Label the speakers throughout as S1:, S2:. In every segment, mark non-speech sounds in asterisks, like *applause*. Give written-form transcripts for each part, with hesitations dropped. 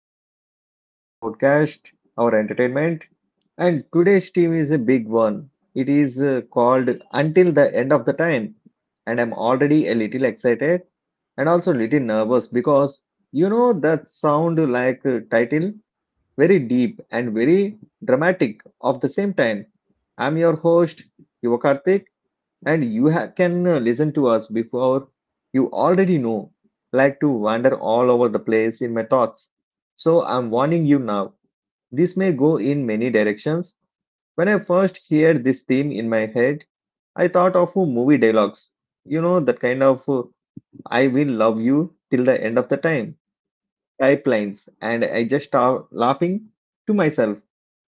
S1: another episode of podcast, our entertainment. And today's team is a big one. It is called Until the End of the Time. And I'm already a little excited and also a little nervous because you know that sound like a title, very deep and very dramatic of the same time. I'm your host, Yuva Karthik, and you can listen to us before you already know like to wander all over the place in my thoughts, so I'm warning you now, this may go in many directions. When I first heard this theme in my head, I thought of movie dialogues, you know, that kind of I will love you till the end of the time type lines, and I just start laughing to myself.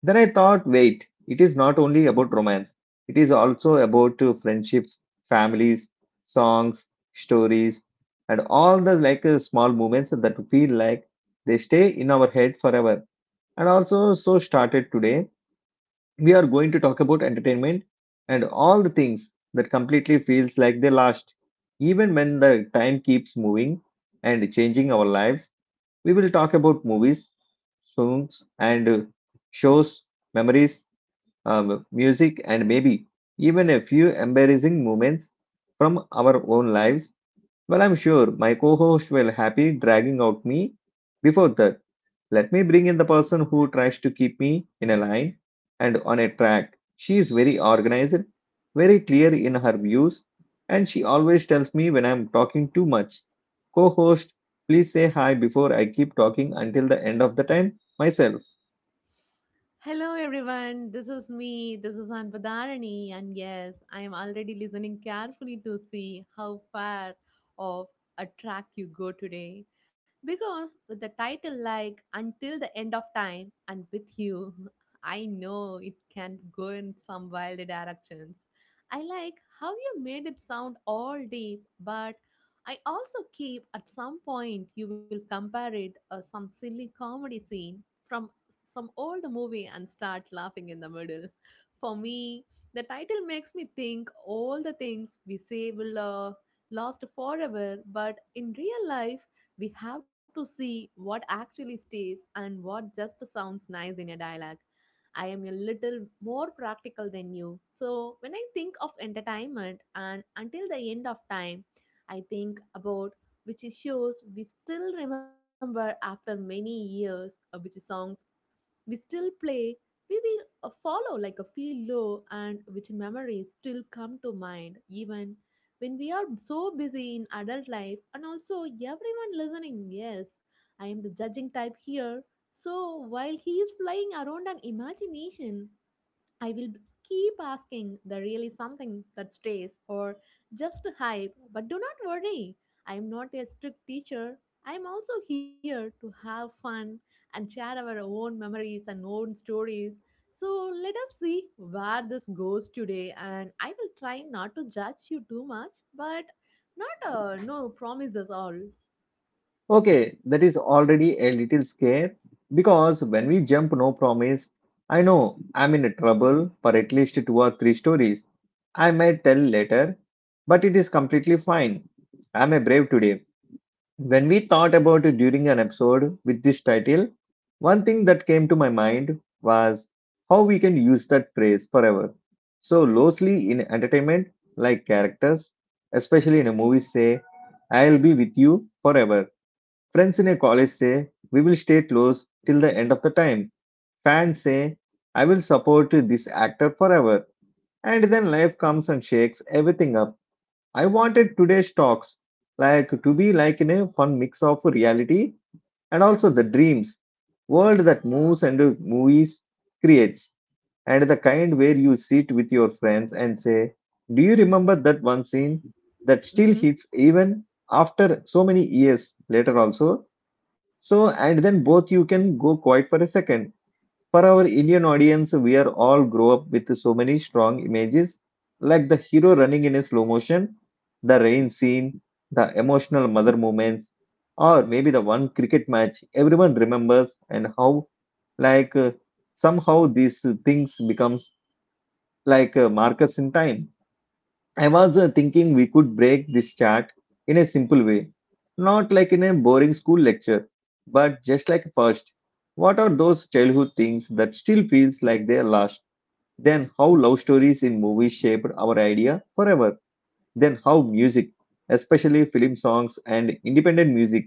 S1: Then I thought, wait, it is not only about romance, it is also about friendships, families, songs, stories, and all the like small moments that feel like they stay in our head forever. And also, so started today, we are going to talk about entertainment and all the things that completely feels like they last. Even when the time keeps moving and changing our lives, we will talk about movies, songs, and shows, memories, music, and maybe even a few embarrassing moments from our own lives. Well, I'm sure my co host will happy dragging out me. Before that, let me bring in the person who tries to keep me in a line and on a track. She is very organized, very clear in her views, and she always tells me when I'm talking too much. Co host, please say hi before I keep talking until the end of the time myself.
S2: Hello everyone, this is me, this is Anpadarani, and yes, I am already listening carefully to see how far of a track you go today. Because with the title like Until the End of Time and with you, *laughs* I know it can go in some wild directions. I like how you made it sound all deep, but I also keep at some point you will compare it some silly comedy scene from some old movie and start laughing in the middle. For me, the title makes me think all the things we say will last forever, but in real life, we have to see what actually stays and what just sounds nice in a dialogue. I am a little more practical than you. So, when I think of entertainment and until the end of time, I think about which shows we still remember after many years, which songs we still play, we will follow like a feel low, and which memories still come to mind even when we are so busy in adult life. And also, everyone listening, yes, I am the judging type here. So while he is flying around an imagination, I will keep asking the really something that stays or just hype, but do not worry. I'm not a strict teacher. I'm also here to have fun and share our own memories and own stories. So let us see where this goes today, and I will try not to judge you too much, but not no promises all.
S1: Okay, that is already a little scare because when we jump no promise, I know I'm in trouble for at least two or three stories I may tell later, but it is completely fine. I'm a brave today. When we thought about it during an episode with this title, one thing that came to my mind was how we can use that phrase forever. So loosely in entertainment, like characters, especially in a movie, say, I'll be with you forever. Friends in a college say, we will stay close till the end of the time. Fans say, I will support this actor forever. And then life comes and shakes everything up. I wanted today's talks like to be like in a fun mix of reality and also the dreams world that moves and movies creates, and the kind where you sit with your friends and say, do you remember that one scene that still
S2: Mhm.
S1: hits even after so many years later also? So, and then both you can go quiet for a second. For our Indian audience, we are all grow up with so many strong images, like the hero running in a slow motion, the rain scene, the emotional mother moments, or maybe the one cricket match everyone remembers, and how like somehow these things becomes like markers in time. I was thinking we could break this chart in a simple way, not like in a boring school lecture, but just like first, what are those childhood things that still feels like they are lost? Then how love stories in movies shaped our idea forever? Then how music, especially film songs and independent music,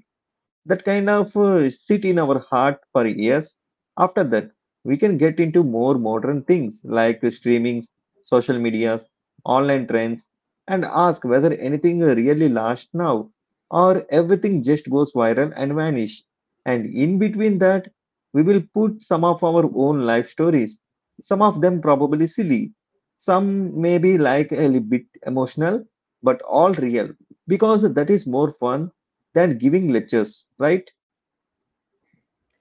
S1: that kind of sit in our heart for years. After that, we can get into more modern things like streamings, social medias, online trends, and ask whether anything really lasts now or everything just goes viral and vanish. And in between that, we will put some of our own life stories, some of them probably silly, some may be like a little bit emotional, but all real because that is more fun than giving lectures, right?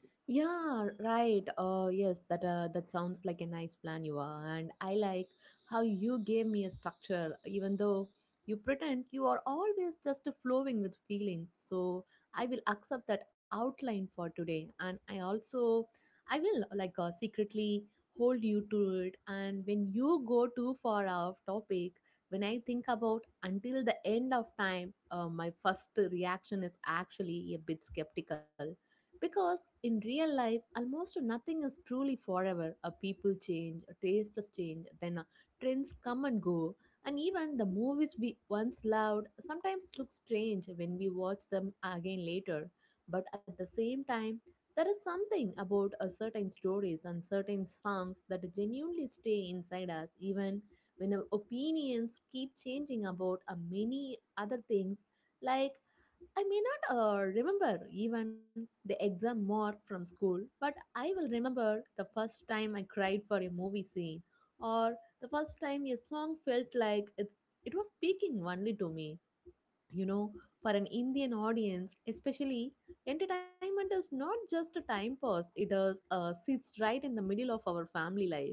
S2: Yeah, right. Yes, that sounds like a nice plan, you are. And I like how you gave me a structure, even though you pretend you are always just flowing with feelings. So I will accept that outline for today, and I will like secretly hold you to it. And when you go too far off topic, when I think about until the end of time, my first reaction is actually a bit skeptical because in real life, almost nothing is truly forever. People change, tastes change, then trends come and go. And even the movies we once loved sometimes look strange when we watch them again later. But at the same time, there is something about certain stories and certain songs that genuinely stay inside us, even when our opinions keep changing about many other things. Like I may not remember even the exam mark from school, but I will remember the first time I cried for a movie scene, or the first time a song felt like it was speaking only to me, you know. For an Indian audience especially, entertainment is not just a time pass. It is sits right in the middle of our family life,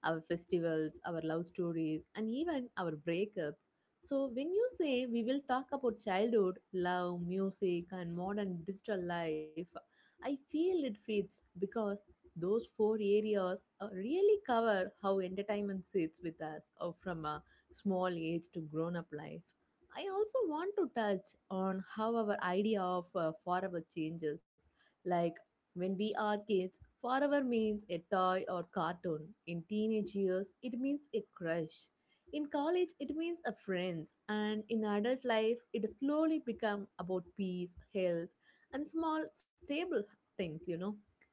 S2: our festivals, our love stories, and even our breakups. So when you say we will talk about childhood, love, music, and modern digital life, I feel it fits because those four areas really cover how entertainment sits with us, from a small age to grown up life. I also want to touch on how our idea of forever changes. Like when we are kids, forever means a toy or cartoon. In teenage years, it means a crush. In college, it means a friends. And in adult life, it slowly become about peace, health, and small stable things, you know.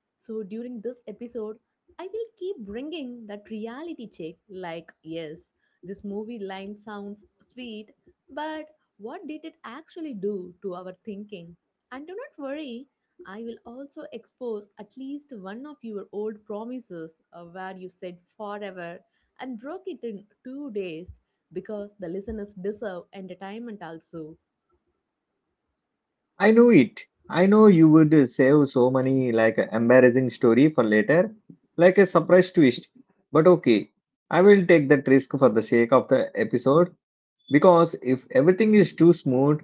S2: So during this episode, I will keep bringing that reality check, like, yes, this movie line sounds sweet, but what did it actually do to our thinking? And do not worry, I will also expose at least one of your old promises where you said forever and broke it in 2 days, because the listeners deserve entertainment also.
S1: I know it. I know you would save so many like embarrassing story for later, like a surprise twist. But okay, I will take that risk for the sake of the episode because if everything is too smooth,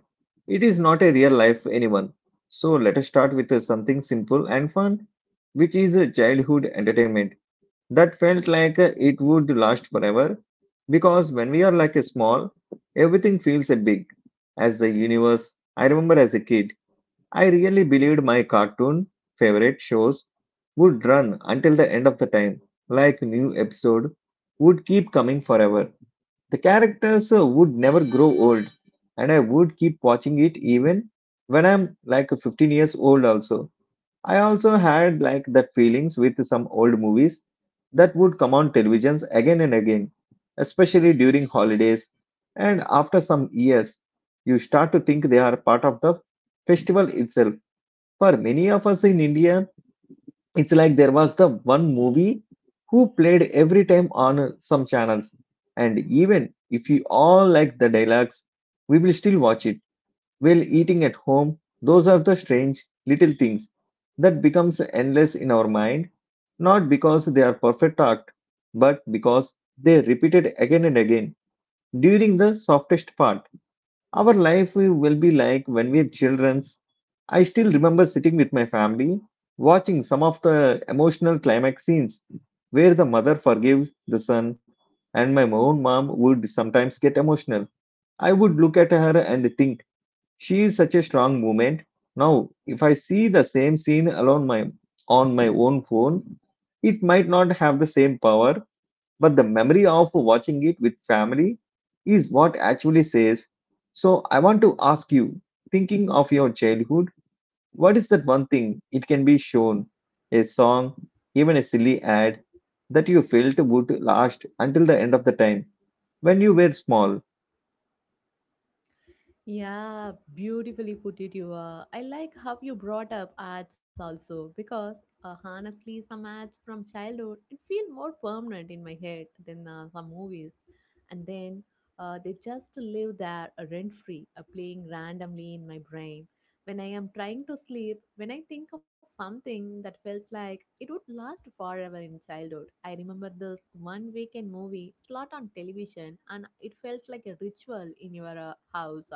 S1: it is not a real life anyone. So let us start with something simple and fun, which is childhood entertainment that felt like it would last forever, because when we are like a small, everything feels a big as the universe. I remember as a kid I really believed my cartoon favorite shows would run until the end of the time, like new episode would keep coming forever, the characters would never grow old, and I would keep watching it even when I'm like 15 years old also. I also had like that feelings with some old movies that would come on televisions again and again, especially during holidays. And after some years, you start to think they are part of the festival itself. For many of us in India, it's like there was the one movie who played every time on some channels. And even if you all like the dialogues, we will still watch it while eating at home. Those are the strange little things that becomes endless in our mind, not because they are perfect act, but because they repeated again and again during the softest part. Our life will be like when we are children's. I still remember sitting with my family, watching some of the emotional climax scenes where the mother forgives the son, and my own mom would sometimes get emotional. I would look at her and think, she is such a strong moment. Now, if I see the same scene alone my on my own phone, it might not have the same power, but the memory of watching it with family is what actually says. So I want to ask you, thinking of your childhood, what is that one thing, it can be shown, a song, even a silly ad, that you felt would last until the end of the time when you were small?
S2: Yeah, beautifully put it, you are. I like how you brought up ads also because honestly, some ads from childhood it feel more permanent in my head than some movies, and then they just live there rent free, playing randomly in my brain. When I am trying to sleep, when I think of something that felt like it would last forever in childhood, I remember this one weekend movie slot on television, and it felt like a ritual in your house.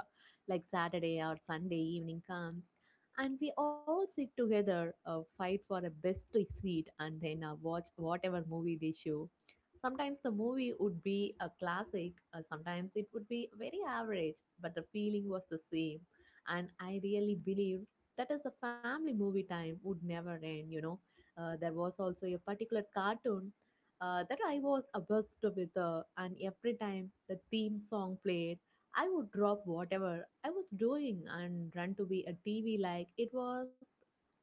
S2: Like Saturday or Sunday evening comes, and we all sit together, fight for a best seat, and then watch whatever movie they show. Sometimes the movie would be a classic, sometimes it would be very average, but the feeling was the same. And I really believed that is the family movie time would never end, you know. There was also a particular cartoon that I was obsessed with, and every time the theme song played, I would drop whatever I was doing and run to be a TV like it was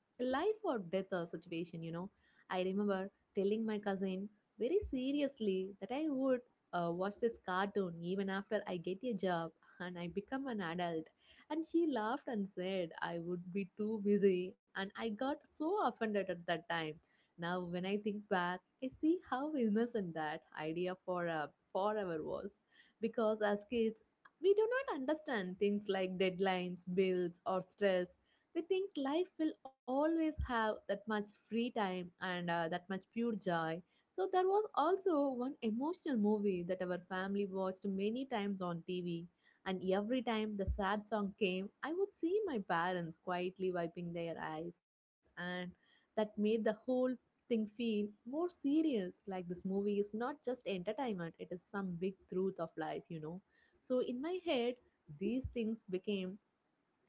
S2: a life or death situation, you know. I remember telling my cousin very seriously that I would watch this cartoon even after I get a job *laughs* and I become an adult. And she laughed and said I would be too busy, and I got so offended at that time. Now, when I think back, I see how innocent that idea for forever was. Because as kids, we do not understand things like deadlines, bills, or stress. We think life will always have that much free time and that much pure joy. So there was also one emotional movie that our family watched many times on TV. And every time the sad song came, I would see my parents quietly wiping their eyes. And that made the whole thing feel more serious. Like this movie is not just entertainment, it is some big truth of life, you know. So in my head, these things became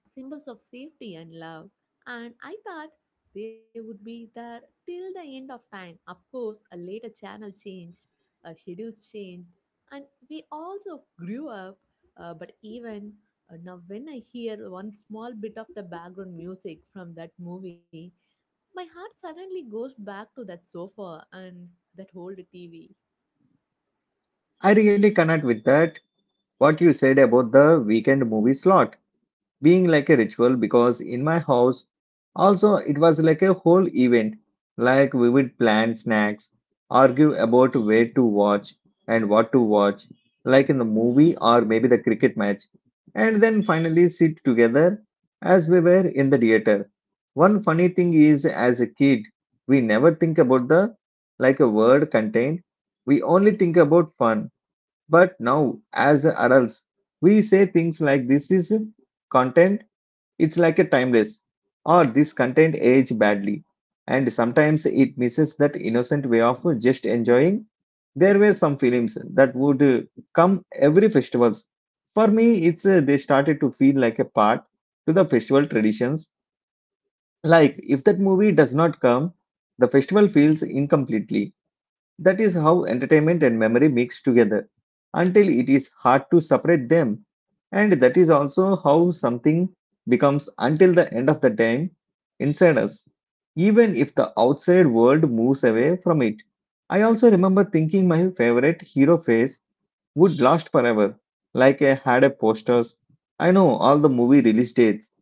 S2: symbols of safety and love. And I thought they would be there till the end of time. Of course, a later channel changed, a schedule changed, and we also grew up. But even now, when I hear one small bit of the background music from that movie, my heart suddenly goes back to that sofa and that old TV.
S1: I really connect with that what you said about the weekend movie slot being like a ritual, because in my house also it was like a whole event. Like we would plan snacks, argue about where to watch and what to watch, like in the movie or maybe the cricket match, and then finally sit together as we were in the theater. One funny thing is as a kid we never think about the like a word contained, we only think about fun. But now, as adults, we say things like this is content, it's like a timeless, or this content age badly. And sometimes it misses that innocent way of just enjoying. There were some films that would come every festivals. For me, it's they started to feel like a part to the festival traditions. Like if that movie does not come, the festival feels incomplete. That is how entertainment and memory mix together until it is hard to separate them. And that is also how something becomes until the end of the time inside us, even if the outside world moves away from it. I also remember thinking my favorite hero phase would last forever. Like I had a posters, I know all the movie release dates,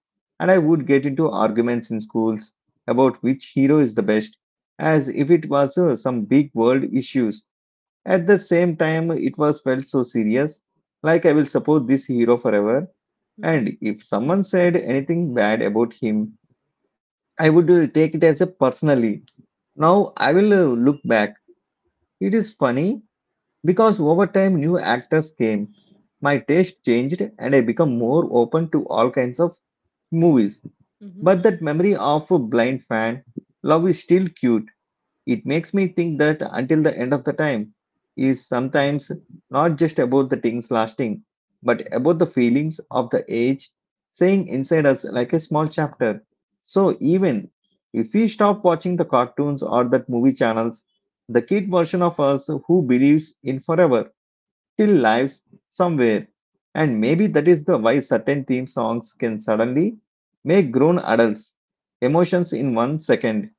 S1: and I would get into arguments in schools about which hero is the best, as if it was some big world issues. At the same time, it was felt so serious, like I will support this hero forever. And if someone said anything bad about him, I would take it as a personally. Now I will look back. It is funny because over time, new actors came, my taste changed, and I became more open to all kinds of movies.
S2: Mhm.
S1: But that memory of a blind fan love is still cute. It makes me think that until the end of the time is sometimes not just about the things lasting, but about the feelings of the age saying inside us like a small chapter. So even if we stop watching the cartoons or that movie channels, the kid version of us who believes in forever still lives somewhere. And maybe that is the why certain theme songs can suddenly make grown adults emotions in one second.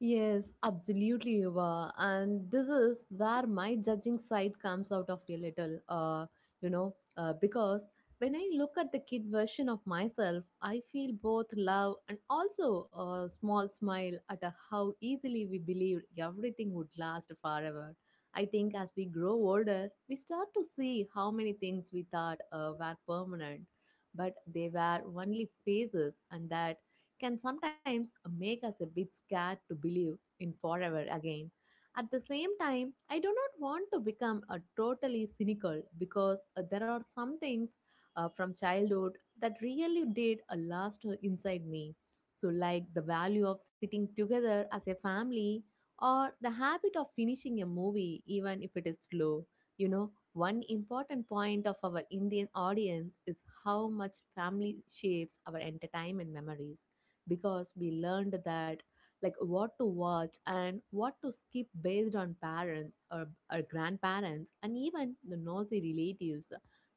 S2: Yes, absolutely, Yuva. And this is where my judging side comes out of a little, you know, because when I look at the kid version of myself, I feel both love and also a small smile at a how easily we believed everything would last forever. I think as we grow older, we start to see how many things we thought were permanent, but they were only phases, and that can sometimes make us a bit scared to believe in forever again. At the same time, I do not want to become a totally cynical because there are some things from childhood that really did a last inside me. So, like the value of sitting together as a family or the habit of finishing a movie, even if it is slow. You know, one important point of our Indian audience is how much family shapes our entertainment memories, because we learned that like what to watch and what to skip based on parents, or grandparents and even the nosy relatives.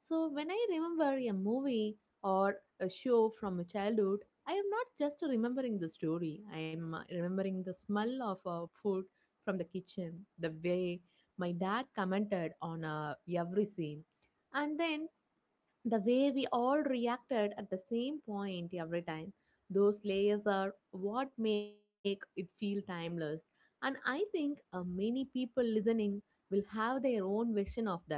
S2: So when I remember a movie or a show from a childhood, I am not just remembering the story. I'm remembering the smell of food from the kitchen, the way my dad commented on every scene, and then the way we all reacted at the same point every time. Those layers are what make it feel timeless. And I think many people listening will have their own version of that.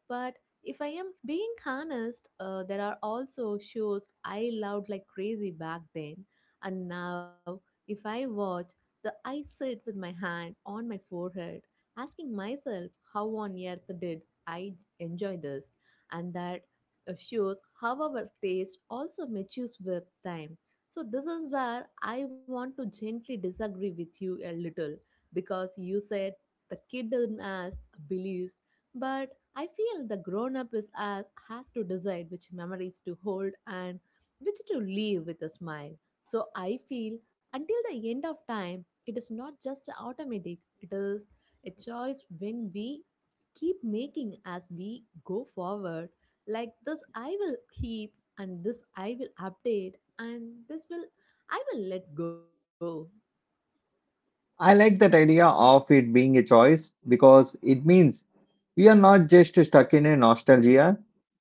S2: But if I am being honest, there are also shows I loved like crazy back then, and now if I watch, the I sit with my hand on my forehead asking myself, how on earth did I enjoy this? And that shows how our taste also matures with time. So, this is where I want to gently disagree with you a little, because you said the kid in us believes, but I feel the grown up is us has to decide which memories to hold and which to leave with a smile. So, I feel until the end of time, it is not just automatic, it is a choice when we keep making as we go forward. Like this I will keep, and this I will update, and this will I will let go.
S1: I like that idea of it being a choice because it means we are not just stuck in a nostalgia,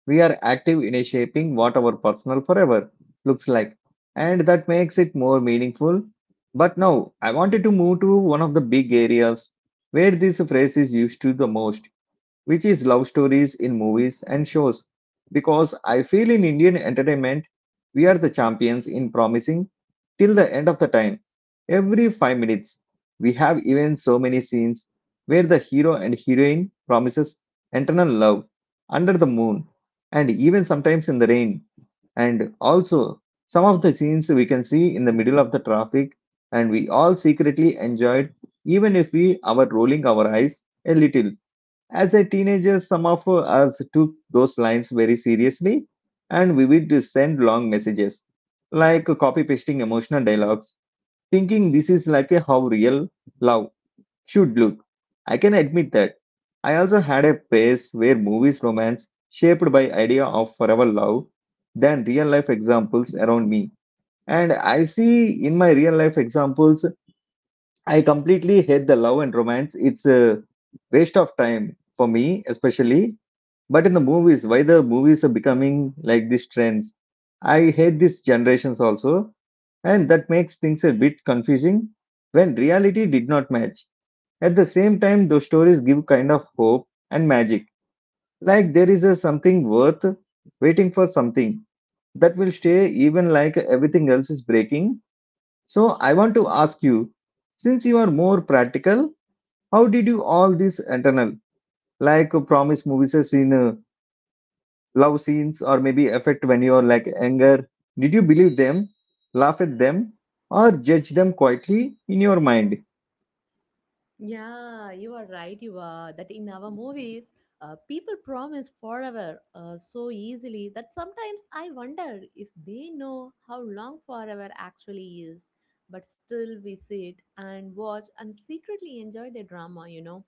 S1: we are active in shaping what our personal forever looks like. And that makes it more meaningful. But now I wanted to move to one of the big areas where this phrase is used to the most, which is love stories in movies and shows. Because I feel in Indian entertainment, we are the champions in promising till the end of the time. Every 5 minutes, we have even so many scenes where the hero and heroine promises eternal love under the moon and even sometimes in the rain. And also, some of the scenes we can see in the middle of the traffic, and we all secretly enjoyed, even if we are rolling our eyes a little. As a teenager, some of us took those lines very seriously and we would send long messages, like copy pasting emotional dialogues, thinking this is like a how real love should look. I can admit that. I also had a phase where movies romance shaped by idea of forever love than real life examples around me. And I see in my real life examples, I completely hate the love and romance. It's a waste of time for me, especially but in the movies, why the movies are becoming like these trends? I hate these generations also, and that makes things a bit confusing when reality did not match. At the same time, those stories give kind of hope and magic. Like there is a something worth waiting for something that will stay even like everything else is breaking. So I want to ask you, since you are more practical, how did you all this internal like promise movies as in love scenes or maybe affect when you're like anger? Did you believe them, laugh at them, or judge them quietly in your mind?
S2: Yeah, you are right. You are that in our movies, people promise forever so easily that sometimes I wonder if they know how long forever actually is. But still, we sit and watch and secretly enjoy the drama. You know,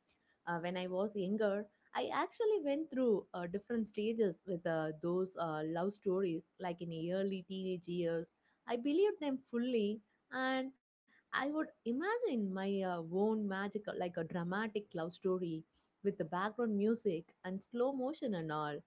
S2: when I was younger, I actually went through different stages with those love stories. Like in early teenage years, I believed them fully and I would imagine my own magical, like a dramatic love story with the background music and slow motion and all.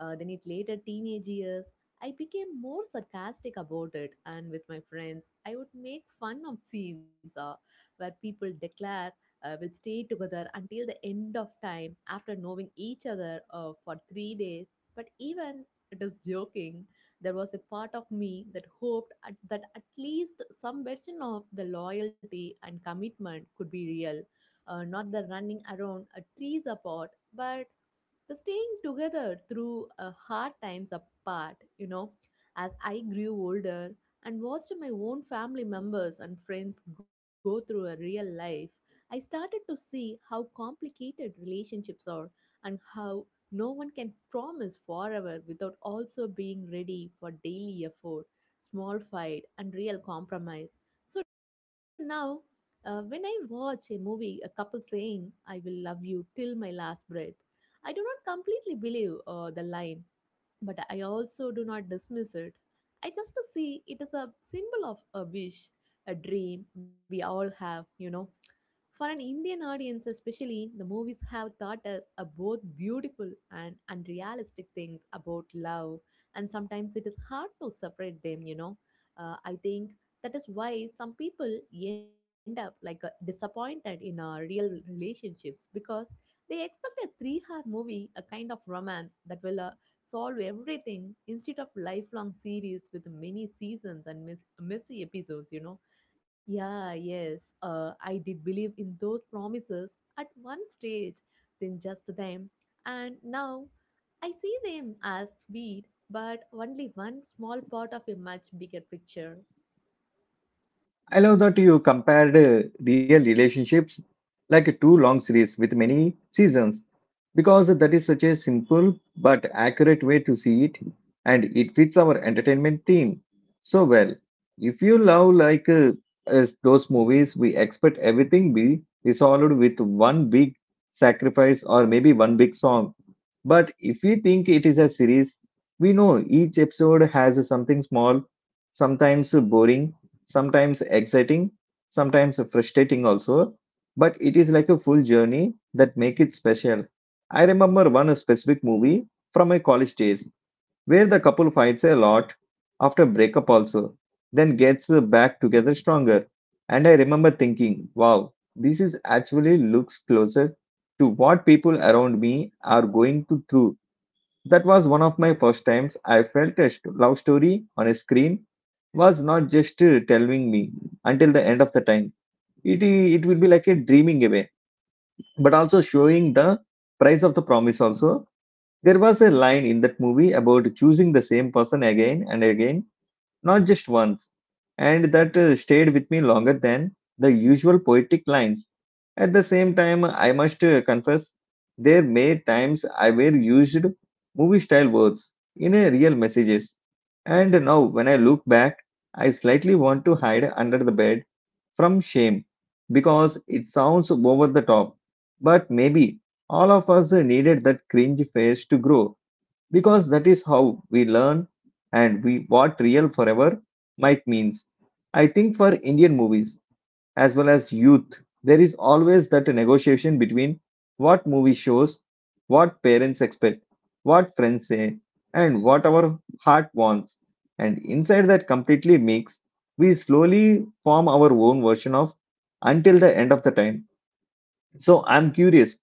S2: Then, it later teenage years, I became more sarcastic about it, and with my friends, I would make fun of scenes where people declare will stay together until the end of time after knowing each other for 3 days. But even it is joking, there was a part of me that hoped that at least some version of the loyalty and commitment could be real, not the running around trees apart, but the staying together through hard times apart, you know, as I grew older and watched my own family members and friends go through a real life, I started to see how complicated relationships are and how no one can promise forever without also being ready for daily effort, small fight, and real compromise. So now, when I watch a movie, a couple saying, I will love you till my last breath, I do not completely believe the line, but I also do not dismiss it. I just see it as a symbol of a wish, a dream we all have, you know. For an Indian audience, especially, the movies have taught us a both beautiful and unrealistic things about love, and sometimes it is hard to separate them, you know. I think that is why some people end up like disappointed in real relationships because they expect a 3-hour movie, a kind of romance that will solve everything instead of lifelong series with many seasons and messy episodes, you know. Yeah, yes, I did believe in those promises at one stage, then just them. And now I see them as sweet, but only one small part of a much bigger picture.
S1: I love that you compared real relationships like a two long series with many seasons because that is such a simple but accurate way to see it and it fits our entertainment theme so well. If you love like as those movies, we expect everything be resolved with one big sacrifice or maybe one big song. But if we think it is a series, we know each episode has something small, sometimes boring sometimes exciting, sometimes frustrating also, but it is like a full journey that make it special. I remember one specific movie from my college days where the couple fights a lot after breakup also, then gets back together stronger. And I remember thinking, wow, this is actually looks closer to what people around me are going to through that was one of my first times I felt a love story on a screen was not just telling me until the end of the time. It will be like a dreaming away, but also showing the price of the promise also. There was a line in that movie about choosing the same person again and again not just once, and that stayed with me longer than the usual poetic lines. At the same time, I must confess, there may times I were used movie style words in a real messages. And now, when I look back, I slightly want to hide under the bed from shame because it sounds over the top. But maybe all of us needed that cringe phase to grow because that is how we learn and we what real forever might means. I think for Indian movies as well as youth, there is always that negotiation between what movie shows, what parents expect, what friends say, and what our heart wants. And inside that completely mix, we slowly form our own version of until the end of the time. So I'm curious,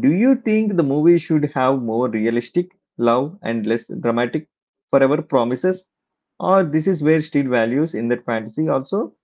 S1: do you think the movie should have more realistic love and less dramatic forever promises? Or this is where Steele values in that fantasy also?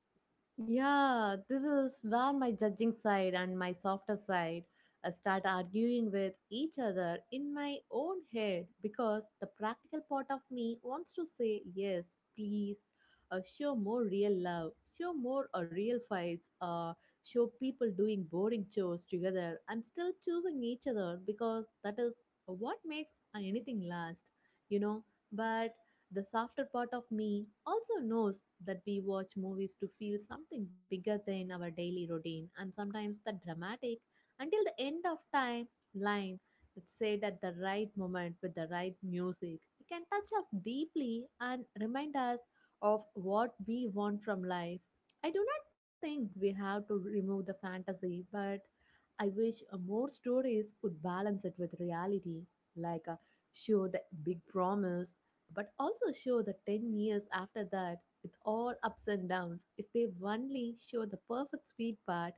S2: Yeah, this is where my judging side and my softer side start arguing with each other in my own head because the practical part of me wants to say yes, please, show more real love, show more real fights, show people doing boring chores together and still choosing each other because that is what makes anything last, you know. But the softer part of me also knows that we watch movies to feel something bigger than our daily routine, and sometimes the dramatic until the end of time line that's said at the right moment with the right music, it can touch us deeply and remind us of what we want from life. I do not think we have to remove the fantasy, but I wish more stories would balance it with reality, like show the big promise, but also show the 10 years after that with all ups and downs. If they only show the perfect sweet part,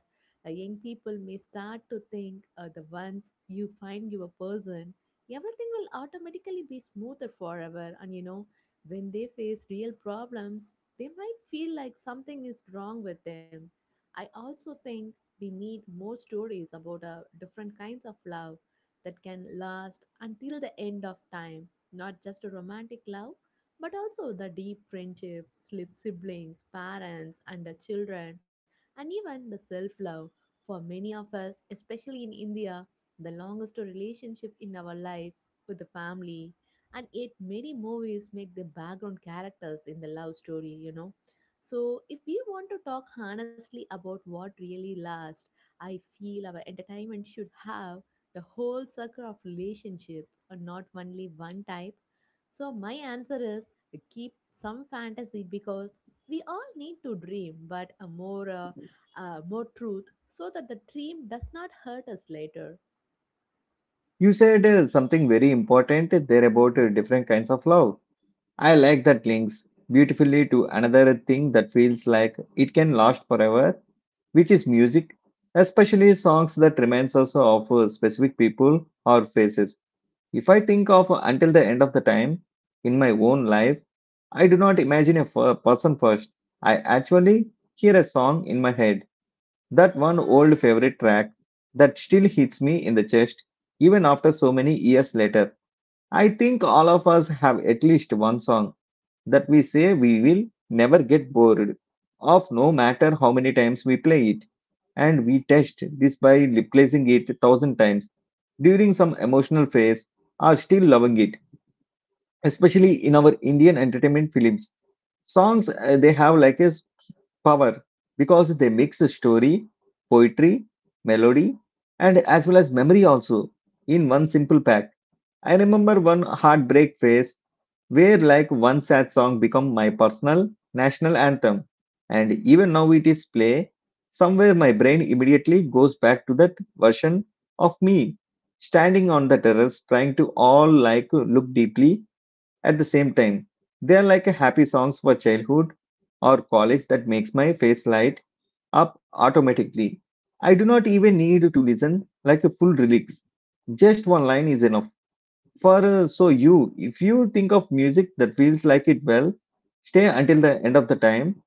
S2: young people may start to think the once you find your person, everything will automatically be smoother forever. And you know, when they face real problems, they might feel like something is wrong with them. I also think we need more stories about different kinds of love that can last until the end of time, not just a romantic love, but also the deep friendships, slip siblings, parents, and the children, and even the self love. For many of us, especially in India, the longest relationship in our life with the family, and yet many movies make the background characters in the love story, you know. So, if we want to talk honestly about what really lasts, I feel our entertainment should have the whole circle of relationships and not only one type. So, my answer is to keep some fantasy because we all need to dream, but a more, more truth so that the dream does not hurt us later.
S1: You said something very important there about different kinds of love. I like that links beautifully to another thing that feels like it can last forever, which is music, especially songs that reminds us of specific people or faces. If I think of until the end of the time in my own life, I do not imagine a person first. I actually hear a song in my head, that one old favorite track that still hits me in the chest even after so many years later. I think all of us have at least one song that we say we will never get bored of no matter how many times we play it. And we test this by replacing it a thousand times during some emotional phase are still loving it, especially in our Indian entertainment films. Songs they have like a power because they mix a story, poetry, melody, and as well as memory also in one simple pack. I remember one heartbreak phase where like one sad song become my personal national anthem and even now it is play somewhere my brain immediately goes back to that version of me standing on the terrace trying to all like look deeply at the same time they are like happy songs for childhood or college that makes my face light up automatically. I do not even need to listen like a full lyrics just one line is enough for so you, if you think of music that feels like it well, stay until the end of the time.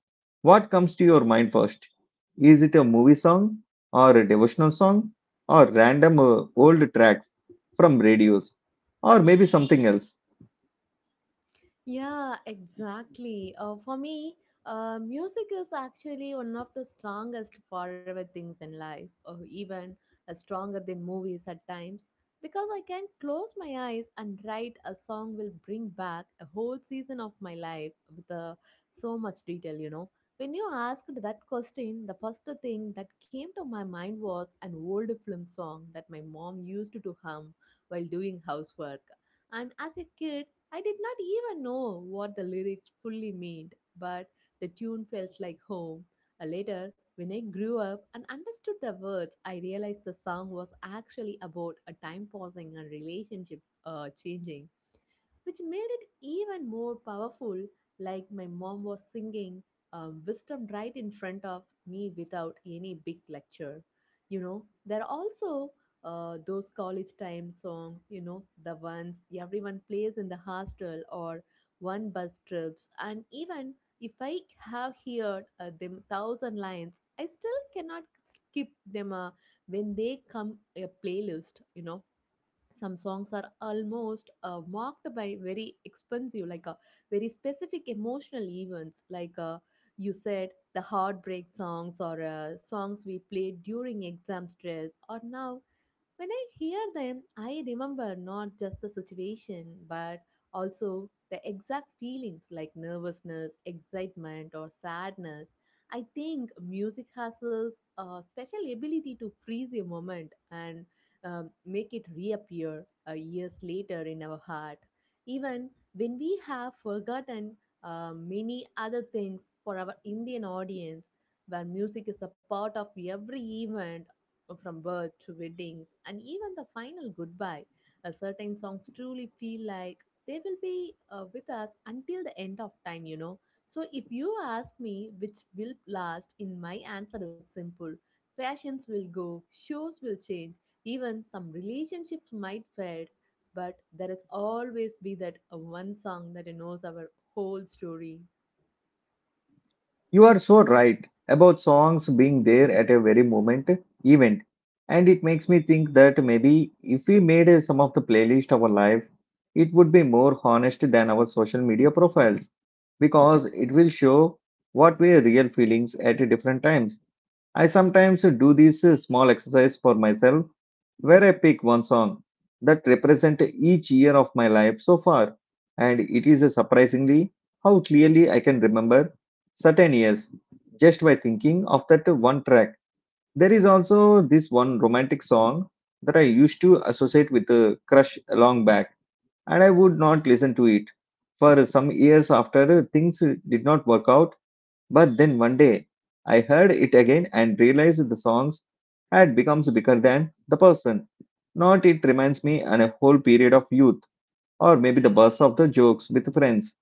S1: What comes to your mind first? Is it a movie song or a devotional song or random old tracks from radios or maybe something else?
S2: Yeah, exactly. For me, music is actually one of the strongest forever things in life, or even stronger than movies at times, because I can close my eyes and write a song will bring back a whole season of my life with so much detail, you know. When you asked that question, the first thing that came to my mind was an old film song that my mom used to hum while doing housework. And as a kid, I did not even know what the lyrics fully meant, but the tune felt like home. Later, when I grew up and understood the words, I realized the song was actually about a time pausing and relationship changing, which made it even more powerful. Like my mom was singing wisdom right in front of me without any big lecture. You know, there are also those college time songs, you know, the ones everyone plays in the hostel or one bus trips. And even if I have heard them thousand lines, I still cannot skip them when they come a playlist, you know, some songs are almost marked by very expensive like very specific emotional events like you said the heartbreak songs or songs we played during exam stress or now when I hear them, I remember not just the situation, but also the exact feelings like nervousness, excitement, or sadness. I think music has this special ability to freeze a moment and make it reappear years later in our heart, even when we have forgotten many other things for our Indian audience where music is a part of every event from birth to weddings and even the final goodbye, certain songs truly feel like they will be with us until the end of time, you know. So, if you ask me which will last, in my answer is simple, fashions will go, shows will change, even some relationships might fade, but there is always be that one song that knows our whole story.
S1: You are so right about songs being there at a very moment event, and it makes me think that maybe if we made some of the playlist of our life, it would be more honest than our social media profiles because it will show what were real feelings at different times. I sometimes do these small exercise for myself where I pick one song that represent each year of my life so far and it is surprisingly how clearly I can remember certain years just by thinking of that one track. There is also this one romantic song that I used to associate with a crush long back and I would not listen to it for some years after things did not work out but then one day, I heard it again and realized the songs had become bigger than the person. Not it reminds me on a whole period of youth, or maybe the burst of the jokes with friends.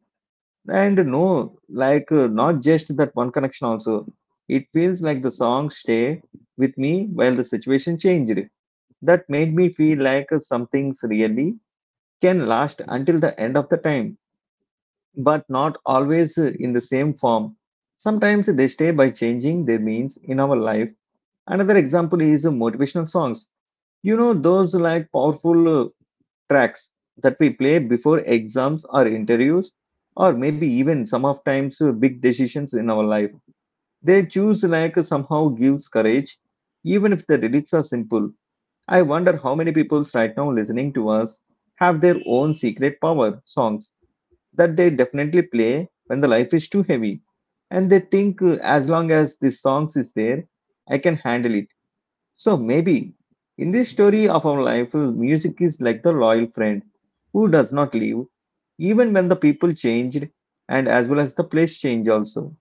S1: And no, like not just that one connection also. It feels like the songs stay with me while the situation changed. That made me feel like some things really can last until the end of the time but not always in the same form. Sometimes they stay by changing their means in our life. Another example is motivational songs. You know, those like powerful tracks that we play before exams or interviews, or maybe even some of times big decisions in our life. They choose like somehow gives courage, even if the lyrics are simple. I wonder how many people right now listening to us have their own secret power songs that they definitely play when the life is too heavy. And they think as long as the songs is there, I can handle it. So maybe in this story of our life, music is like the loyal friend who does not leave, even when the people changed and as well as the place change also.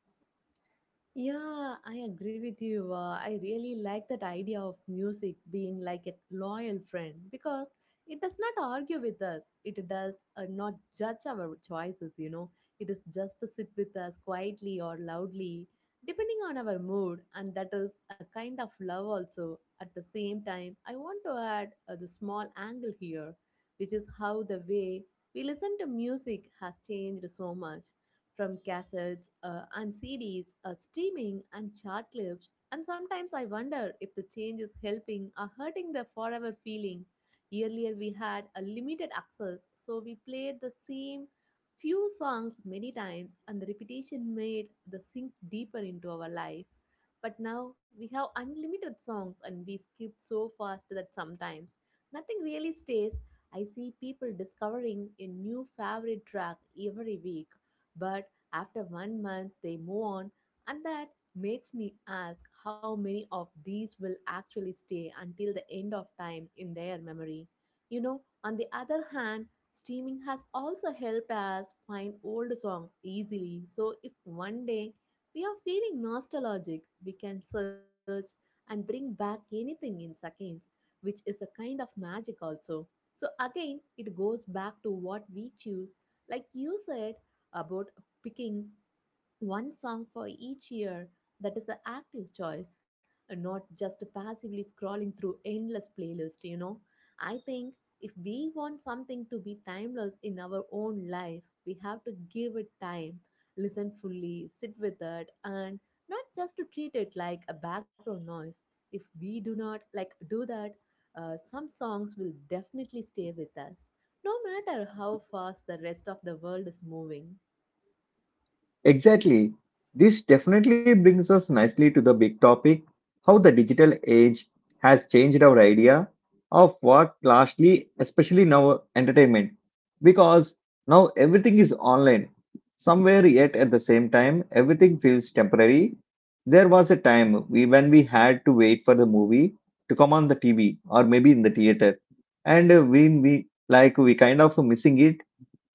S2: Yeah, I agree with you. I really like that idea of music being like a loyal friend because it does not argue with us. It does not judge our choices, you know. It is just to sit with us quietly or loudly, depending on our mood, and that is a kind of love also. At the same time, I want to add the small angle here, which is how the way we listen to music has changed so much from cassettes and CDs, streaming and chart clips. And sometimes I wonder if the change is helping or hurting the forever feeling. Earlier we had a limited access, so we played the same few songs many times, and the repetition made the sink deeper into our life. But now we have unlimited songs and we skip so fast that sometimes nothing really stays. I see people discovering a new favorite track every week, but after one month, they move on, and that makes me ask how many of these will actually stay until the end of time in their memory. You know, on the other hand, streaming has also helped us find old songs easily. So if one day we are feeling nostalgic, we can search and bring back anything in seconds, which is a kind of magic also. So again, it goes back to what we choose. Like you said, about picking one song for each year, that is an active choice and not just passively scrolling through endless playlist, you know. I think if we want something to be timeless in our own life, we have to give it time, listen fully, sit with it, and not just to treat it like a background noise. If we do not like do that, some songs will definitely stay with us no matter how fast the rest of the world is moving.
S1: Exactly. This definitely brings us nicely to the big topic how the digital age has changed our idea of what largely, especially now, entertainment. Because now everything is online. Somewhere, yet at the same time, everything feels temporary. There was a time when we had to wait for the movie to come on the TV or maybe in the theater. And we like we kind of missing it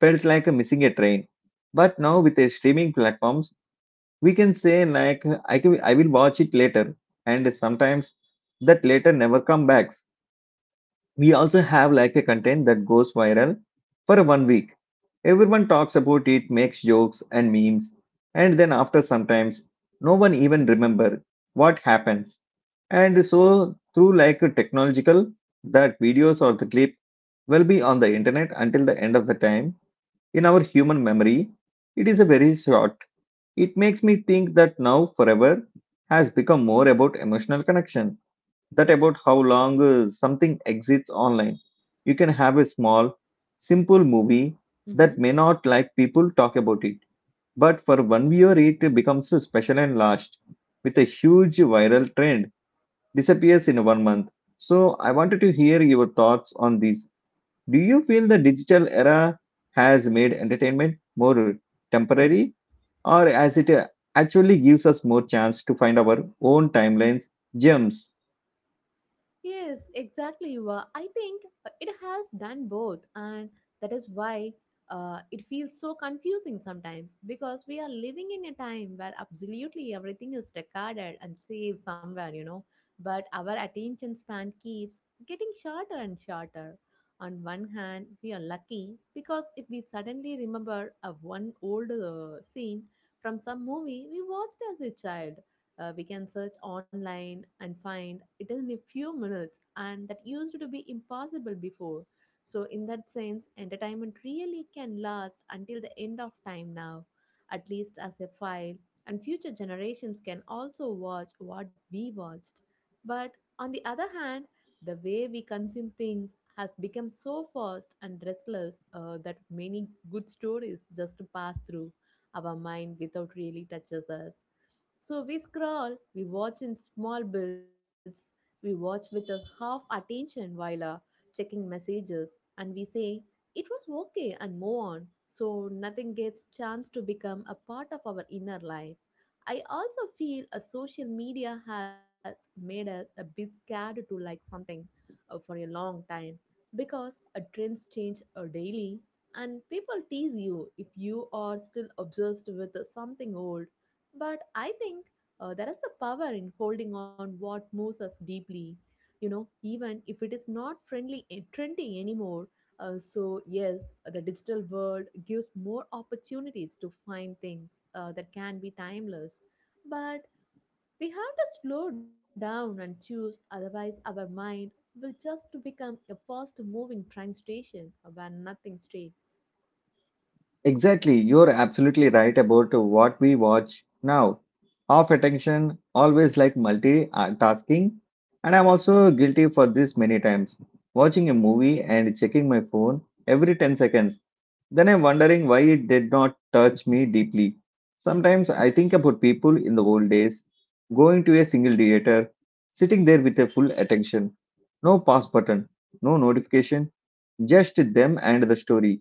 S1: felt like missing a train. But now with the streaming platforms, we can say like I will watch it later, and sometimes that later never come back. We also have like a content that goes viral for one week. Everyone talks about it, makes jokes and memes, and then after sometimes no one even remember what happens. And so through like a technological that videos or the clip will be on the internet until the end of the time in our human memory. It is a very short. It makes me think that now forever has become more about emotional connection that about how long something exists online. You can have a small, simple movie
S2: Mm-hmm.
S1: that may not like people talk about it, but for one viewer it becomes so special and last with a huge viral trend disappears in one month. So I wanted to hear your thoughts on this do you feel the digital era has made entertainment more temporary, or as it actually gives us more chance to find our own timelines, gems?
S2: Yes, exactly. You are. I think it has done both, and that is why it feels so confusing sometimes because we are living in a time where absolutely everything is recorded and saved somewhere, you know. But our attention span keeps getting shorter and shorter. On one hand, we are lucky because if we suddenly remember a one old scene from some movie we watched as a child, we can search online and find it in a few minutes, and that used to be impossible before, so in that sense entertainment really can last until the end of time now, at least as a file, and future generations can also watch what we watched. But on the other hand, the way we consume things has become so fast and restless that many good stories just pass through our mind without really touches us. So we scroll, we watch in small bits, we watch with a half attention while checking messages, and we say it was okay and move on. So nothing gets chance to become a part of our inner life. I also feel a social media has made us a bit scared to like something for a long time because trends change daily, and people tease you if you are still obsessed with something old. But I think there is a power in holding on what moves us deeply, you know, even if it is not friendly and trendy anymore. Yes, the digital world gives more opportunities to find things that can be timeless. But we have to slow down and choose, otherwise, our mind will just become a fast moving train station where nothing stays.
S1: Exactly, you're absolutely right about what we watch now. Half attention, always like multitasking, and I'm also guilty for this many times. Watching a movie and checking my phone every 10 seconds. Then I'm wondering why it did not touch me deeply. Sometimes I think about people in the old days going to a single theater, sitting there with a full attention, no pause button, no notification, just them and the story.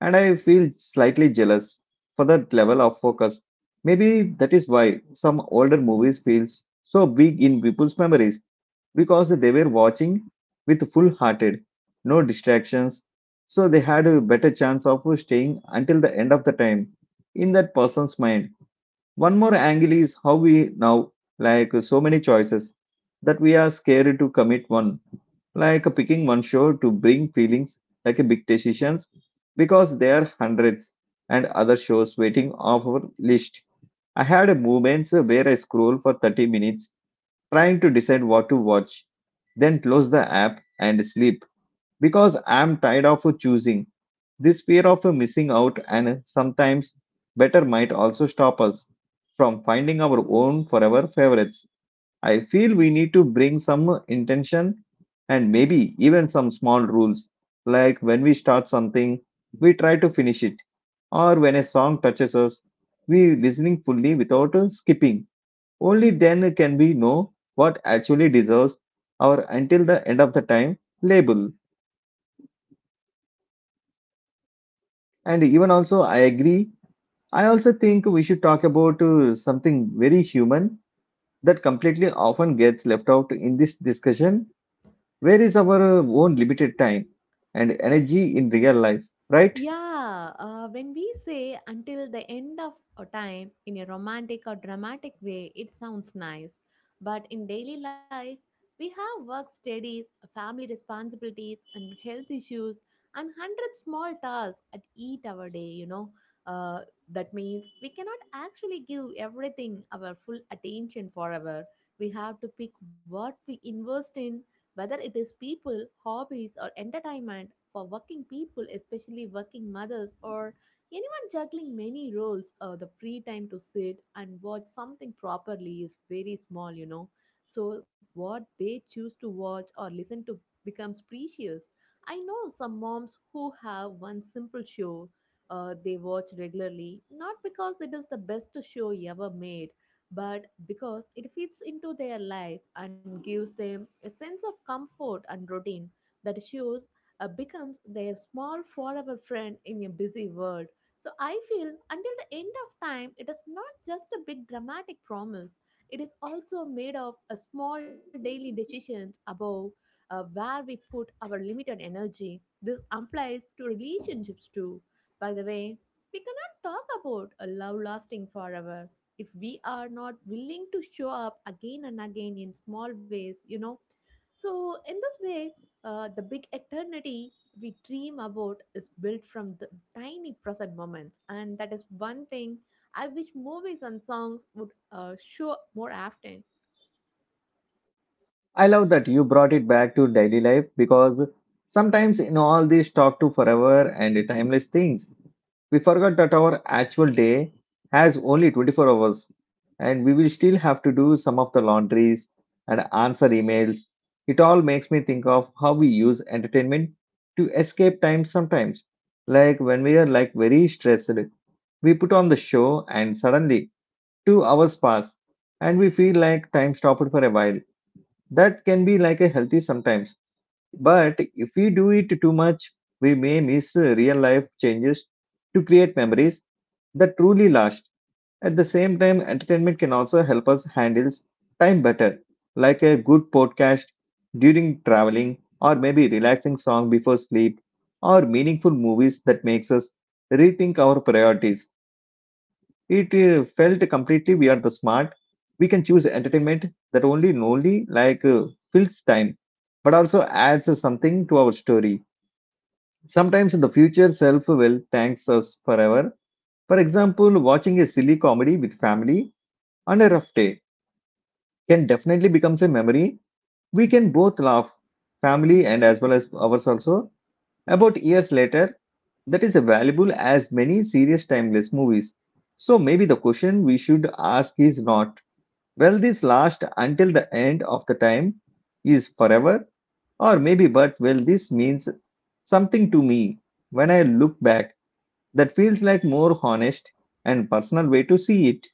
S1: And I feel slightly jealous for that level of focus. Maybe that is why some older movies feels so big in people's memories because they were watching with full hearted, no distractions. So they had a better chance of staying until the end of the time in that person's mind. One more angle is how we now, like so many choices, that we are scared to commit one, like picking one show to bring feelings like a big decisions because there are hundreds and other shows waiting off our list. I had moments where I scroll for 30 minutes trying to decide what to watch, then close the app and sleep because I'm tired of choosing. This fear of missing out and sometimes better might also stop us from finding our own forever favorites. I feel we need to bring some intention and maybe even some small rules, like when we start something, we try to finish it, or when a song touches us, we listening fully without skipping. Only then can we know what actually deserves our until the end of the time label. And even also, I agree. I also think we should talk about something very human that completely often gets left out in this discussion. Where is our own limited time and energy in real life, right?
S2: Yeah, when we say until the end of a time in a romantic or dramatic way, it sounds nice. But in daily life, we have work studies, family responsibilities, and health issues, and hundred small tasks at each our day, you know. Uh, that means we cannot actually give everything our full attention forever. We have to pick what we invest in, whether it is people, hobbies, or entertainment for working people, especially working mothers or anyone juggling many roles, the free time to sit and watch something properly is very small, you know. So, what they choose to watch or listen to becomes precious. I know some moms who have one simple show they watch regularly, not because it is the best show ever made, but because it fits into their life and gives them a sense of comfort and routine. That shows becomes their small forever friend in a busy world. So I feel until the end of time, it is not just a big dramatic promise. It is also made of a small daily decisions about where we put our limited energy. This applies to relationships too. By the way, we cannot talk about a love lasting forever if we are not willing to show up again and again in small ways, you know. So, in this way, the big eternity we dream about is built from the tiny present moments, and that is one thing I wish movies and songs would show more often.
S1: I love that you brought it back to daily life because sometimes in all this talk to forever and timeless things, we forgot that our actual day has only 24 hours and we will still have to do some of the laundries and answer emails. It all makes me think of how we use entertainment to escape time sometimes. Like when we are like very stressed, we put on the show and suddenly 2 hours pass and we feel like time stopped for a while that can be like a healthy sometimes, but if we do it too much we may miss real life changes to create memories that truly last. At the same time entertainment can also help us handle time better, like a good podcast during traveling, or maybe relaxing song before sleep, or meaningful movies that makes us rethink our priorities. It felt completely we are the smart, we can choose entertainment that only like fills time but also adds something to our story. Sometimes the future self will thanks us forever. For example, watching a silly comedy with family on a rough day can definitely becomes a memory we can both laugh, family and
S2: Mm-hmm.
S1: as well as ours also, about years later. That is valuable as many serious timeless movies. So maybe the question we should ask is not, will this last until the end of the time, is forever? Or maybe, but will this means something to me when I look back? That feels like more honest and personal way to see it?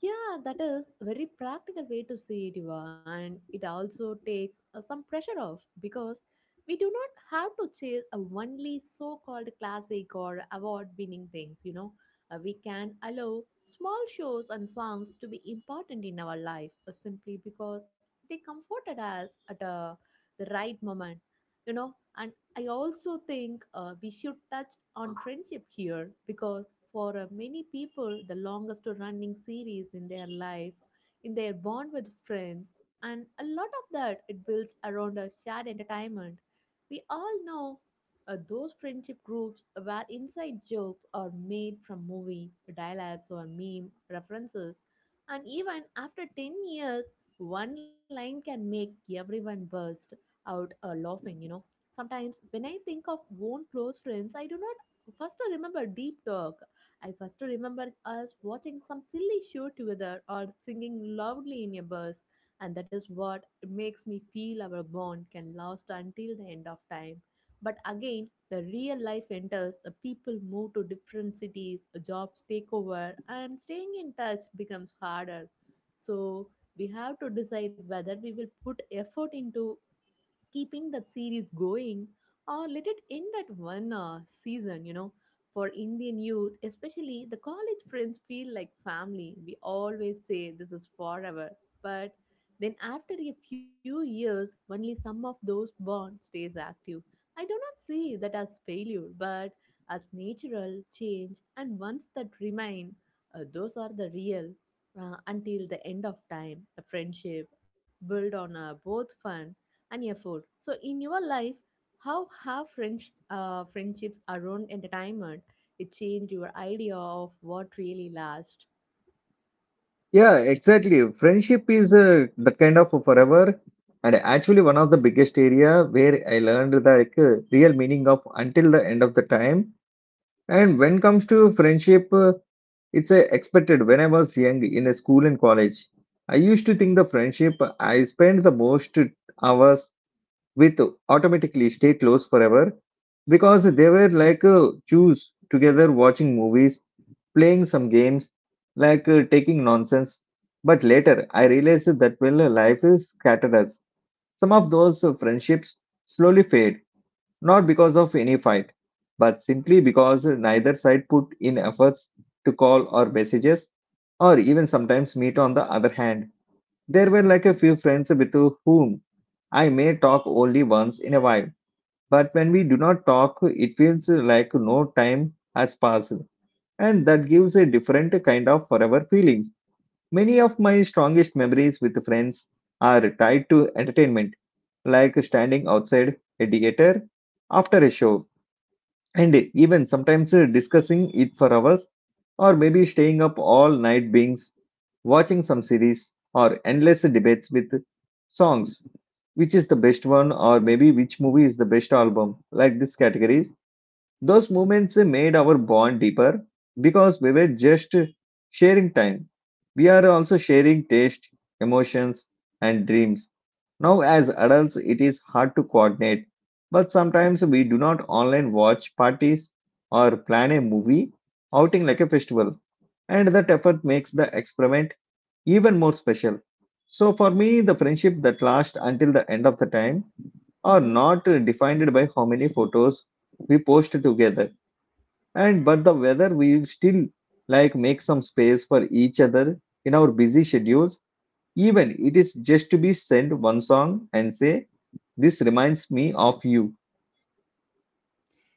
S2: Yeah, that is very practical way to see it, Eva, and it also takes some pressure off because we do not have to chase a only so-called classic or award-winning things. You know, we can allow small shows and songs to be important in our life simply because they comforted us at the right moment. You know, I also think we should touch on friendship here because for many people, the longest running series in their life, in their bond with friends, and a lot of that it builds around a shared entertainment we all know those friendship groups where inside jokes are made from movie dialogues or meme references, and even after 10 years, one line can make everyone burst out laughing, you know. Sometimes when I think of own close friends, I do not first remember deep talk. I first remember us watching some silly show together or singing loudly in a bus, and that is what it makes me feel our bond can last until the end of time. But again, the real life enters, the people move to different cities, jobs take over, and staying in touch becomes harder. So we have to decide whether we will put effort into keeping that series going or let it end at one season, you know. For Indian youth, especially the college friends feel like family. We always say this is forever, but then after a few years, only some of those bonds stays active. I do not see that as failure, but as natural change, and ones that remain, those are the real until the end of time. The friendship built on both fun and effort. So, in your life, how have friends, friendships around entertainment it changed your idea of what really lasts?
S1: Yeah, exactly. Friendship is the kind of forever, and actually one of the biggest area where I learned the like, real meaning of until the end of the time. And when comes to friendship, it's a expected when I was young in a school and college. I used to think the friendship I spent the most hours with automatically stay close forever because they were like choose together watching movies, playing some games, like taking nonsense. But later I realized that well life is scattered us. Some of those friendships slowly fade not because of any fight, but simply because neither side put in efforts to call or messages or even sometimes meet on the other hand. There were like a few friends with whom I may talk only once in a while, but when we do not talk, it feels like no time has passed, and that gives a different kind of forever feelings. Many of my strongest memories with friends are tied to entertainment, like standing outside a theater after a show and even sometimes discussing it for hours, or maybe staying up all night beings, watching some series, or endless debates with songs. Which is the best one, or maybe which movie is the best album, like these categories. Those moments made our bond deeper because we were just sharing time. We are also sharing taste, emotions, and dreams. Now, as adults, it is hard to coordinate, but sometimes we do not online watch parties or plan a movie outing like a festival, and that effort makes the experiment even more special. So, for me, the friendship that lasts until the end of the time are not defined by how many photos we post together, and but the whether we will still like make some space for each other in our busy schedules. Even it is just to be send one song and say this reminds me of you.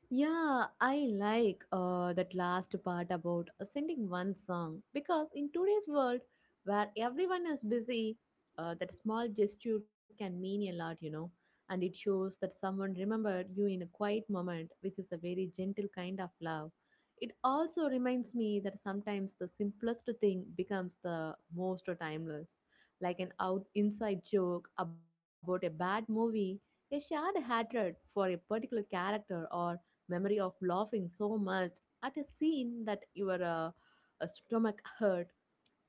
S2: Yeah, I like that last part about sending one song because in today's world where everyone is busy, that small gesture can mean a lot, you know, and it shows that someone remembered you in a quiet moment, which is a very gentle kind of love. It also reminds me that sometimes the simplest thing becomes the most timeless, like an out inside joke about a bad movie, a shared hatred for a particular character, or memory of laughing so much at a scene that your stomach hurt.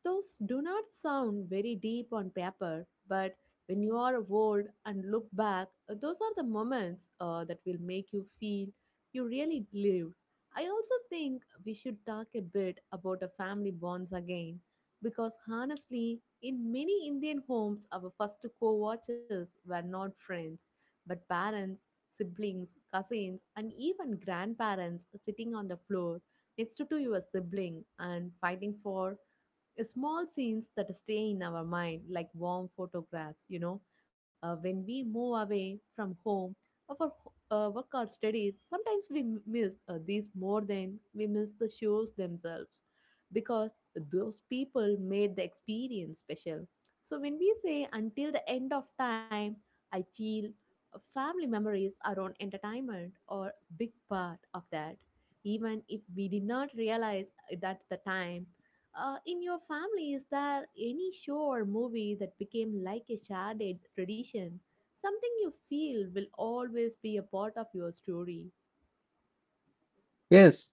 S2: Those do not sound very deep on paper, but when you are old and look back, those are the moments that will make you feel you really lived. I also think we should talk a bit about the family bonds again, because honestly, in many Indian homes, our first co-watchers were not friends, but parents, siblings, cousins, and even grandparents sitting on the floor next to your sibling and fighting for small scenes that stay in our mind like warm photographs, you know. When we move away from home or for work or studies, sometimes we miss these more than we miss the shows themselves, because those people made the experience special. So when we say until the end of time, I feel family memories around entertainment are big part of that, even if we did not realize at the time. In your family, is there any show or movie that became like a shared tradition? Something you feel will always be a part of your story?
S1: Yes,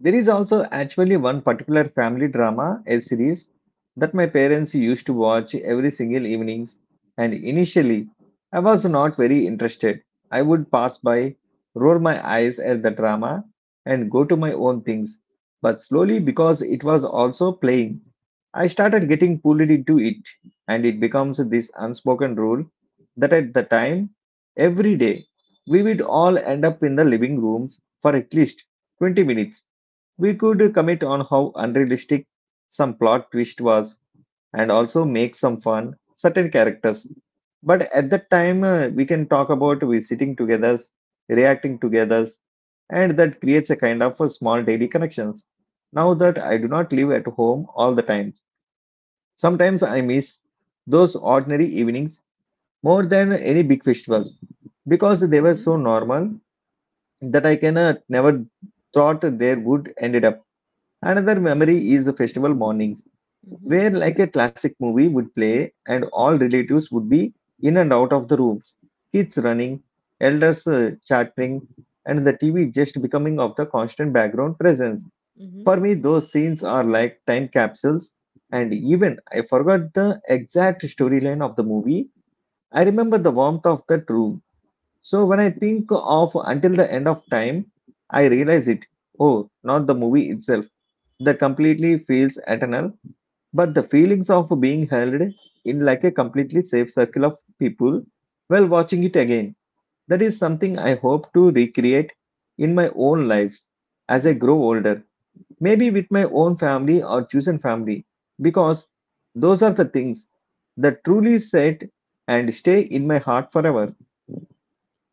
S1: there is also actually one particular family drama, a series that my parents used to watch every single evenings, and initially I was not very interested. I would pass by, roll my eyes at the drama and go to my own things. But slowly because it was also playing, I started getting pulled into it and it becomes this unspoken rule that at the time every day we would all end up in the living rooms for at least 20 minutes. We could commit on how unrealistic some plot twist was and also make some fun certain characters. But at that time, we can talk about we sitting together, reacting together, and that creates a kind of a small daily connections. Now that I do not live at home all the time, sometimes I miss those ordinary evenings more than any big festivals because they were
S2: Hmm.
S1: so normal that I can never thought they would ended up. Another memory is the festival mornings,
S2: Hmm.
S1: where like a classic movie would play and all relatives would be in and out of the rooms, kids running, elders chattering, and the TV just becoming of the constant background presence.
S2: Mm-hmm.
S1: For me, those scenes are like time capsules, and even I forgot the exact storyline of the movie. I remember the warmth of that room. So when I think of Until the End of Time, I realize it. Oh, not the movie itself the completely feels eternal, but the feelings of being held in like a completely safe circle of people while watching it again. That is something I hope to recreate in my own life as I
S2: Mm-hmm.
S1: grow older, maybe with my own family or chosen family, because those are the things that truly set and stay in my heart forever.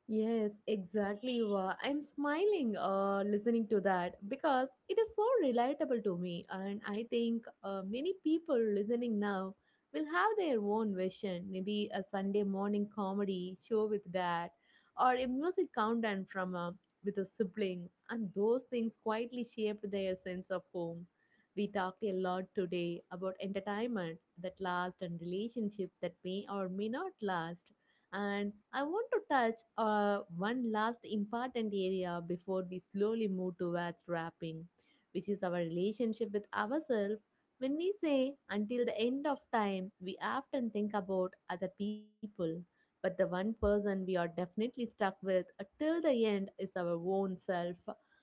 S2: Yes, exactly. Eva. I'm smiling listening to that because it is so relatable to me. And I think many people listening now will have their own version, maybe a Sunday morning comedy show with dad or a music countdown from with the siblings. And those things quietly shaped their sense of home. We talked a lot today about entertainment that lasts and relationships that may or may not last, and I want to touch one last important area before we slowly move towards wrapping, which is our relationship with ourselves. When we say until the end of time, we often think about other people. But the one person we are definitely stuck with till the end is our own self.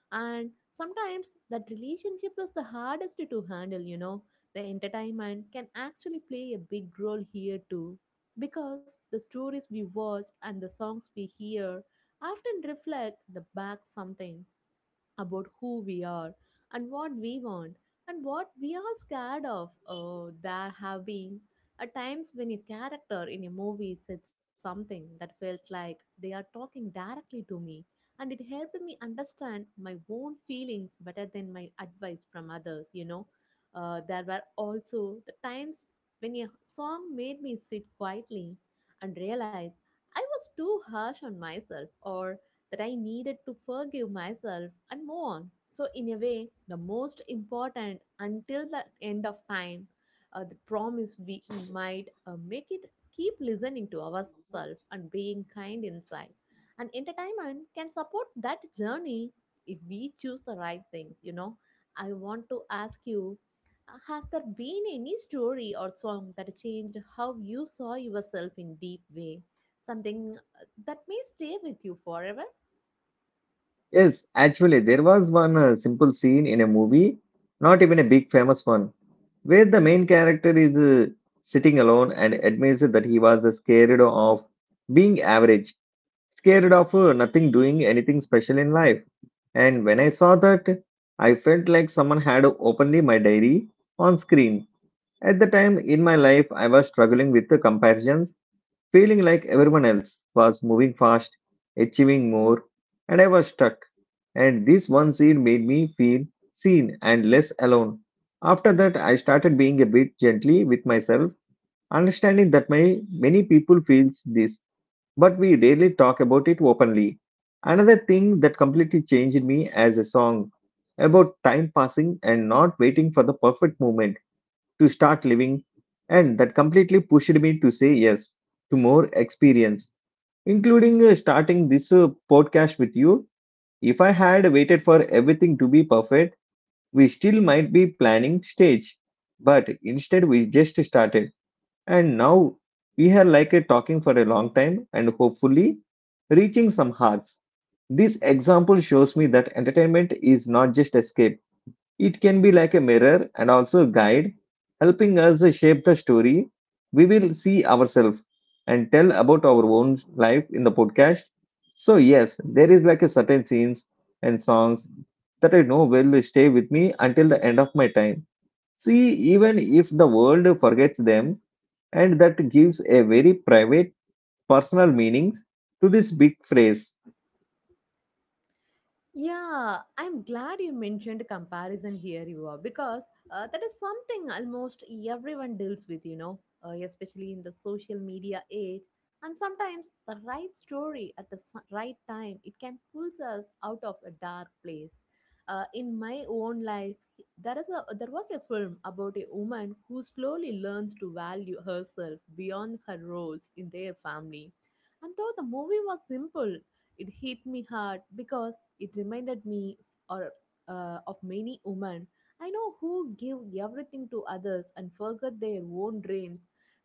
S2: And sometimes that relationship is the hardest to handle, you know. The entertainment can actually play a big role here too, because the stories we watch and the songs we hear often reflect the back something about who we are and what we want and what we are scared of. Oh, there have been a times when a character in a movie said something that felt like they are talking directly to me, and it helped me understand my own feelings better than my advice from others. You know, there were also the times when a song made me sit quietly and realize I was too harsh on myself or that I needed to forgive myself and move on. So, in a way, the most important until the end of time, the promise we might make it keep listening to ourselves and being kind inside. And entertainment can support that journey if we choose the right things, you know. I want to ask you has there been any story or song that changed how you saw yourself in deep way? Something that may stay with you forever?
S1: Yes, actually, there was one simple scene in a movie, not even a big famous one, where the main character is sitting alone and admits that he was scared of being average, scared of nothing doing anything special in life. And when I saw that, I felt like someone had opened my diary on screen. At the time in my life, I was struggling with the comparisons, feeling like everyone else was moving fast, achieving more, and I was stuck, and this one scene made me feel seen and less alone. After that, I started being a bit gently with myself, understanding that my many people feels this, but we rarely talk about it openly. Another thing that completely changed me as a song about time passing and not waiting for the perfect moment to start living, and that completely pushed me to say yes to more experience, including starting this podcast with you. If I had waited for everything to be perfect, we still might be planning stage. But instead, we just started. And now we are like a talking for a long time and hopefully reaching some hearts. This example shows me that entertainment is not just escape, it can be like a mirror and also a guide, helping us shape the story we will see ourselves and tell about our own life in the podcast. So yes, there is like a certain scenes and songs that I know will stay with me until the end of my time. See, even if the world forgets them, and that gives a very private, personal meanings to this big phrase.
S2: Yeah, I'm glad you mentioned comparison here, you are, because that is something almost everyone deals with, you know, especially in the social media age. And sometimes the right story at the right time, it can pull us out of a dark place. In my own life, there was a film about a woman who slowly learns to value herself beyond her roles in their family. And though the movie was simple, it hit me hard because it reminded me or of many women I know who give everything to others and forget their own dreams.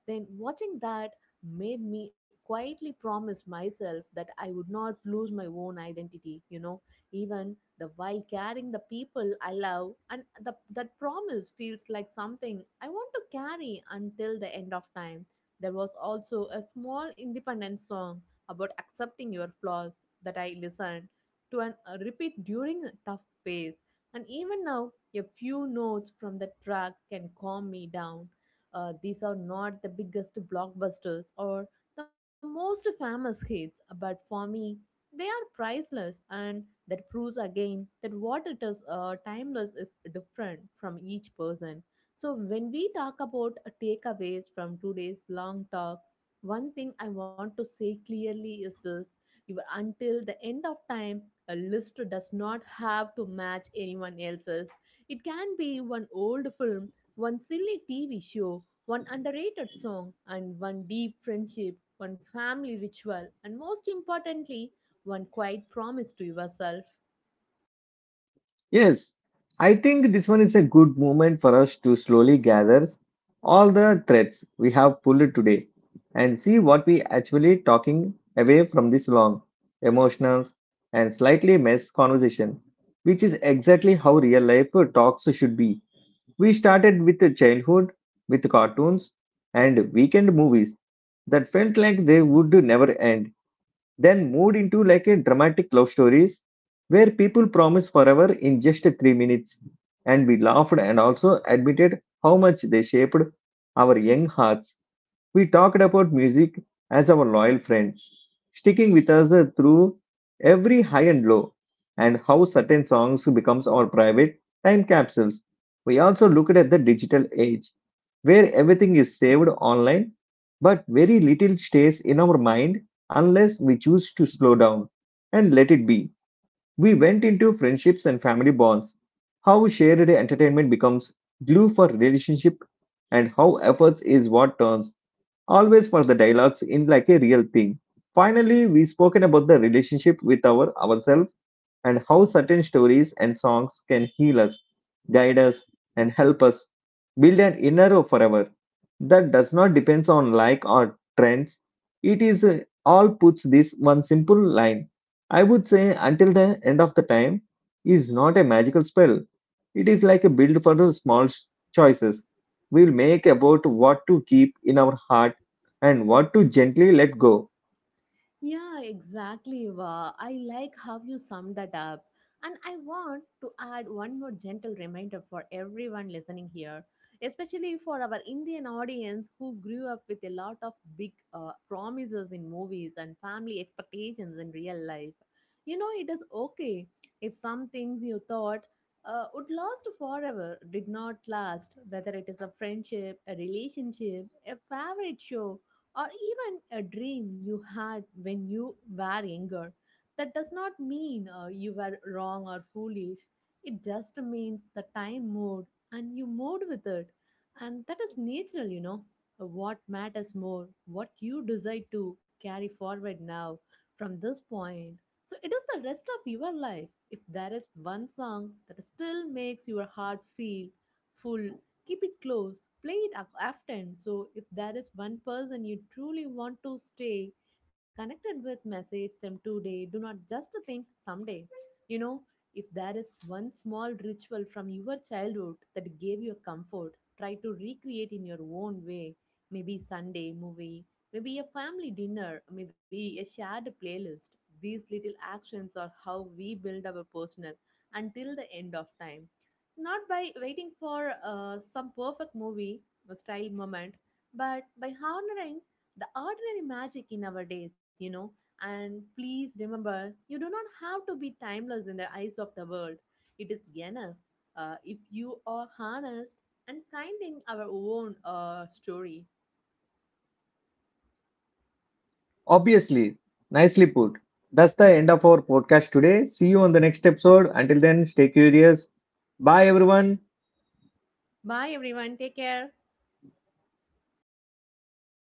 S2: Then watching that made me quietly promise myself that I would not lose my own identity, you know, even the while carrying the people I love, and the, that promise feels like something I want to carry until the end of time. There was also a small independent song about accepting your flaws that I listened to and repeat during a tough phase. And even now, a few notes from the track can calm me down. These are not the biggest blockbusters or the most famous hits, but for me, they are priceless, and that proves again that what it is timeless is different from each person. So when we talk about takeaways from today's long talk, one thing I want to say clearly is this. Your until the end of time, a list does not have to match anyone else's. It can be one old film, one silly TV show, one underrated song, and one deep friendship, one family ritual, and most importantly, one quiet promise to yourself.
S1: Yes, I think this one is a good moment for us to slowly gather all the threads we have pulled today and see what we actually talking away from this long, emotional and slightly mess conversation, which is exactly how real life talks should be. We started with the childhood, with cartoons and weekend movies that felt like they would never end, then moved into like a dramatic love stories where people promise forever in just 3 minutes. And we laughed and also admitted how much they shaped our young hearts. We talked about music as our loyal friend, sticking with us through every high and low, and how certain songs becomes our private time capsules. We also looked at the digital age, where everything is saved online, but very little stays in our mind unless we choose to slow down and let it be. We went into friendships and family bonds, how shared entertainment becomes glue for relationship, and how efforts is what turns always for the dialogues in like a real thing. Finally, we spoken about the relationship with our ourselves and how certain stories and songs can heal us, guide us, and help us build an inner forever that does not depend on like or trends. It is all puts this one simple line. I would say until the end of the time is not a magical spell. It is like a build for the choices we will make about what to keep in our heart and what to gently let go.
S2: Yeah, exactly, Eva. I like how you summed that up. And I want to add one more gentle reminder for everyone listening here, especially for our Indian audience who grew up with a lot of big promises in movies and family expectations in real life. You know, it is okay if some things you thought would last forever did not last, whether it is a friendship, a relationship, a favorite show, or even a dream you had when you were younger. That does not mean you were wrong or foolish. It just means the time moved and you moved with it. And that is natural, you know. What matters more, what you decide to carry forward now from this point. So it is the rest of your life. If there is one song that still makes your heart feel full, keep it close, play it often. So, if there is one person you truly want to stay connected with, message them today. Do not just think someday. You know, if there is one small ritual from your childhood that gave you comfort, try to recreate in your own way. Maybe Sunday movie, maybe a family dinner, maybe a shared playlist. These little actions are how we build our personal until the end of time, not by waiting for some perfect movie or style moment, but by honoring the ordinary magic in our days, you know. And please remember, you do not have to be timeless in the eyes of the world. It is enough if you are honest and kind in our own story.
S1: Obviously, nicely put. That's the end of our podcast today. See you on the next episode. Until then, stay curious. Bye, everyone.
S2: Bye, everyone. Take care.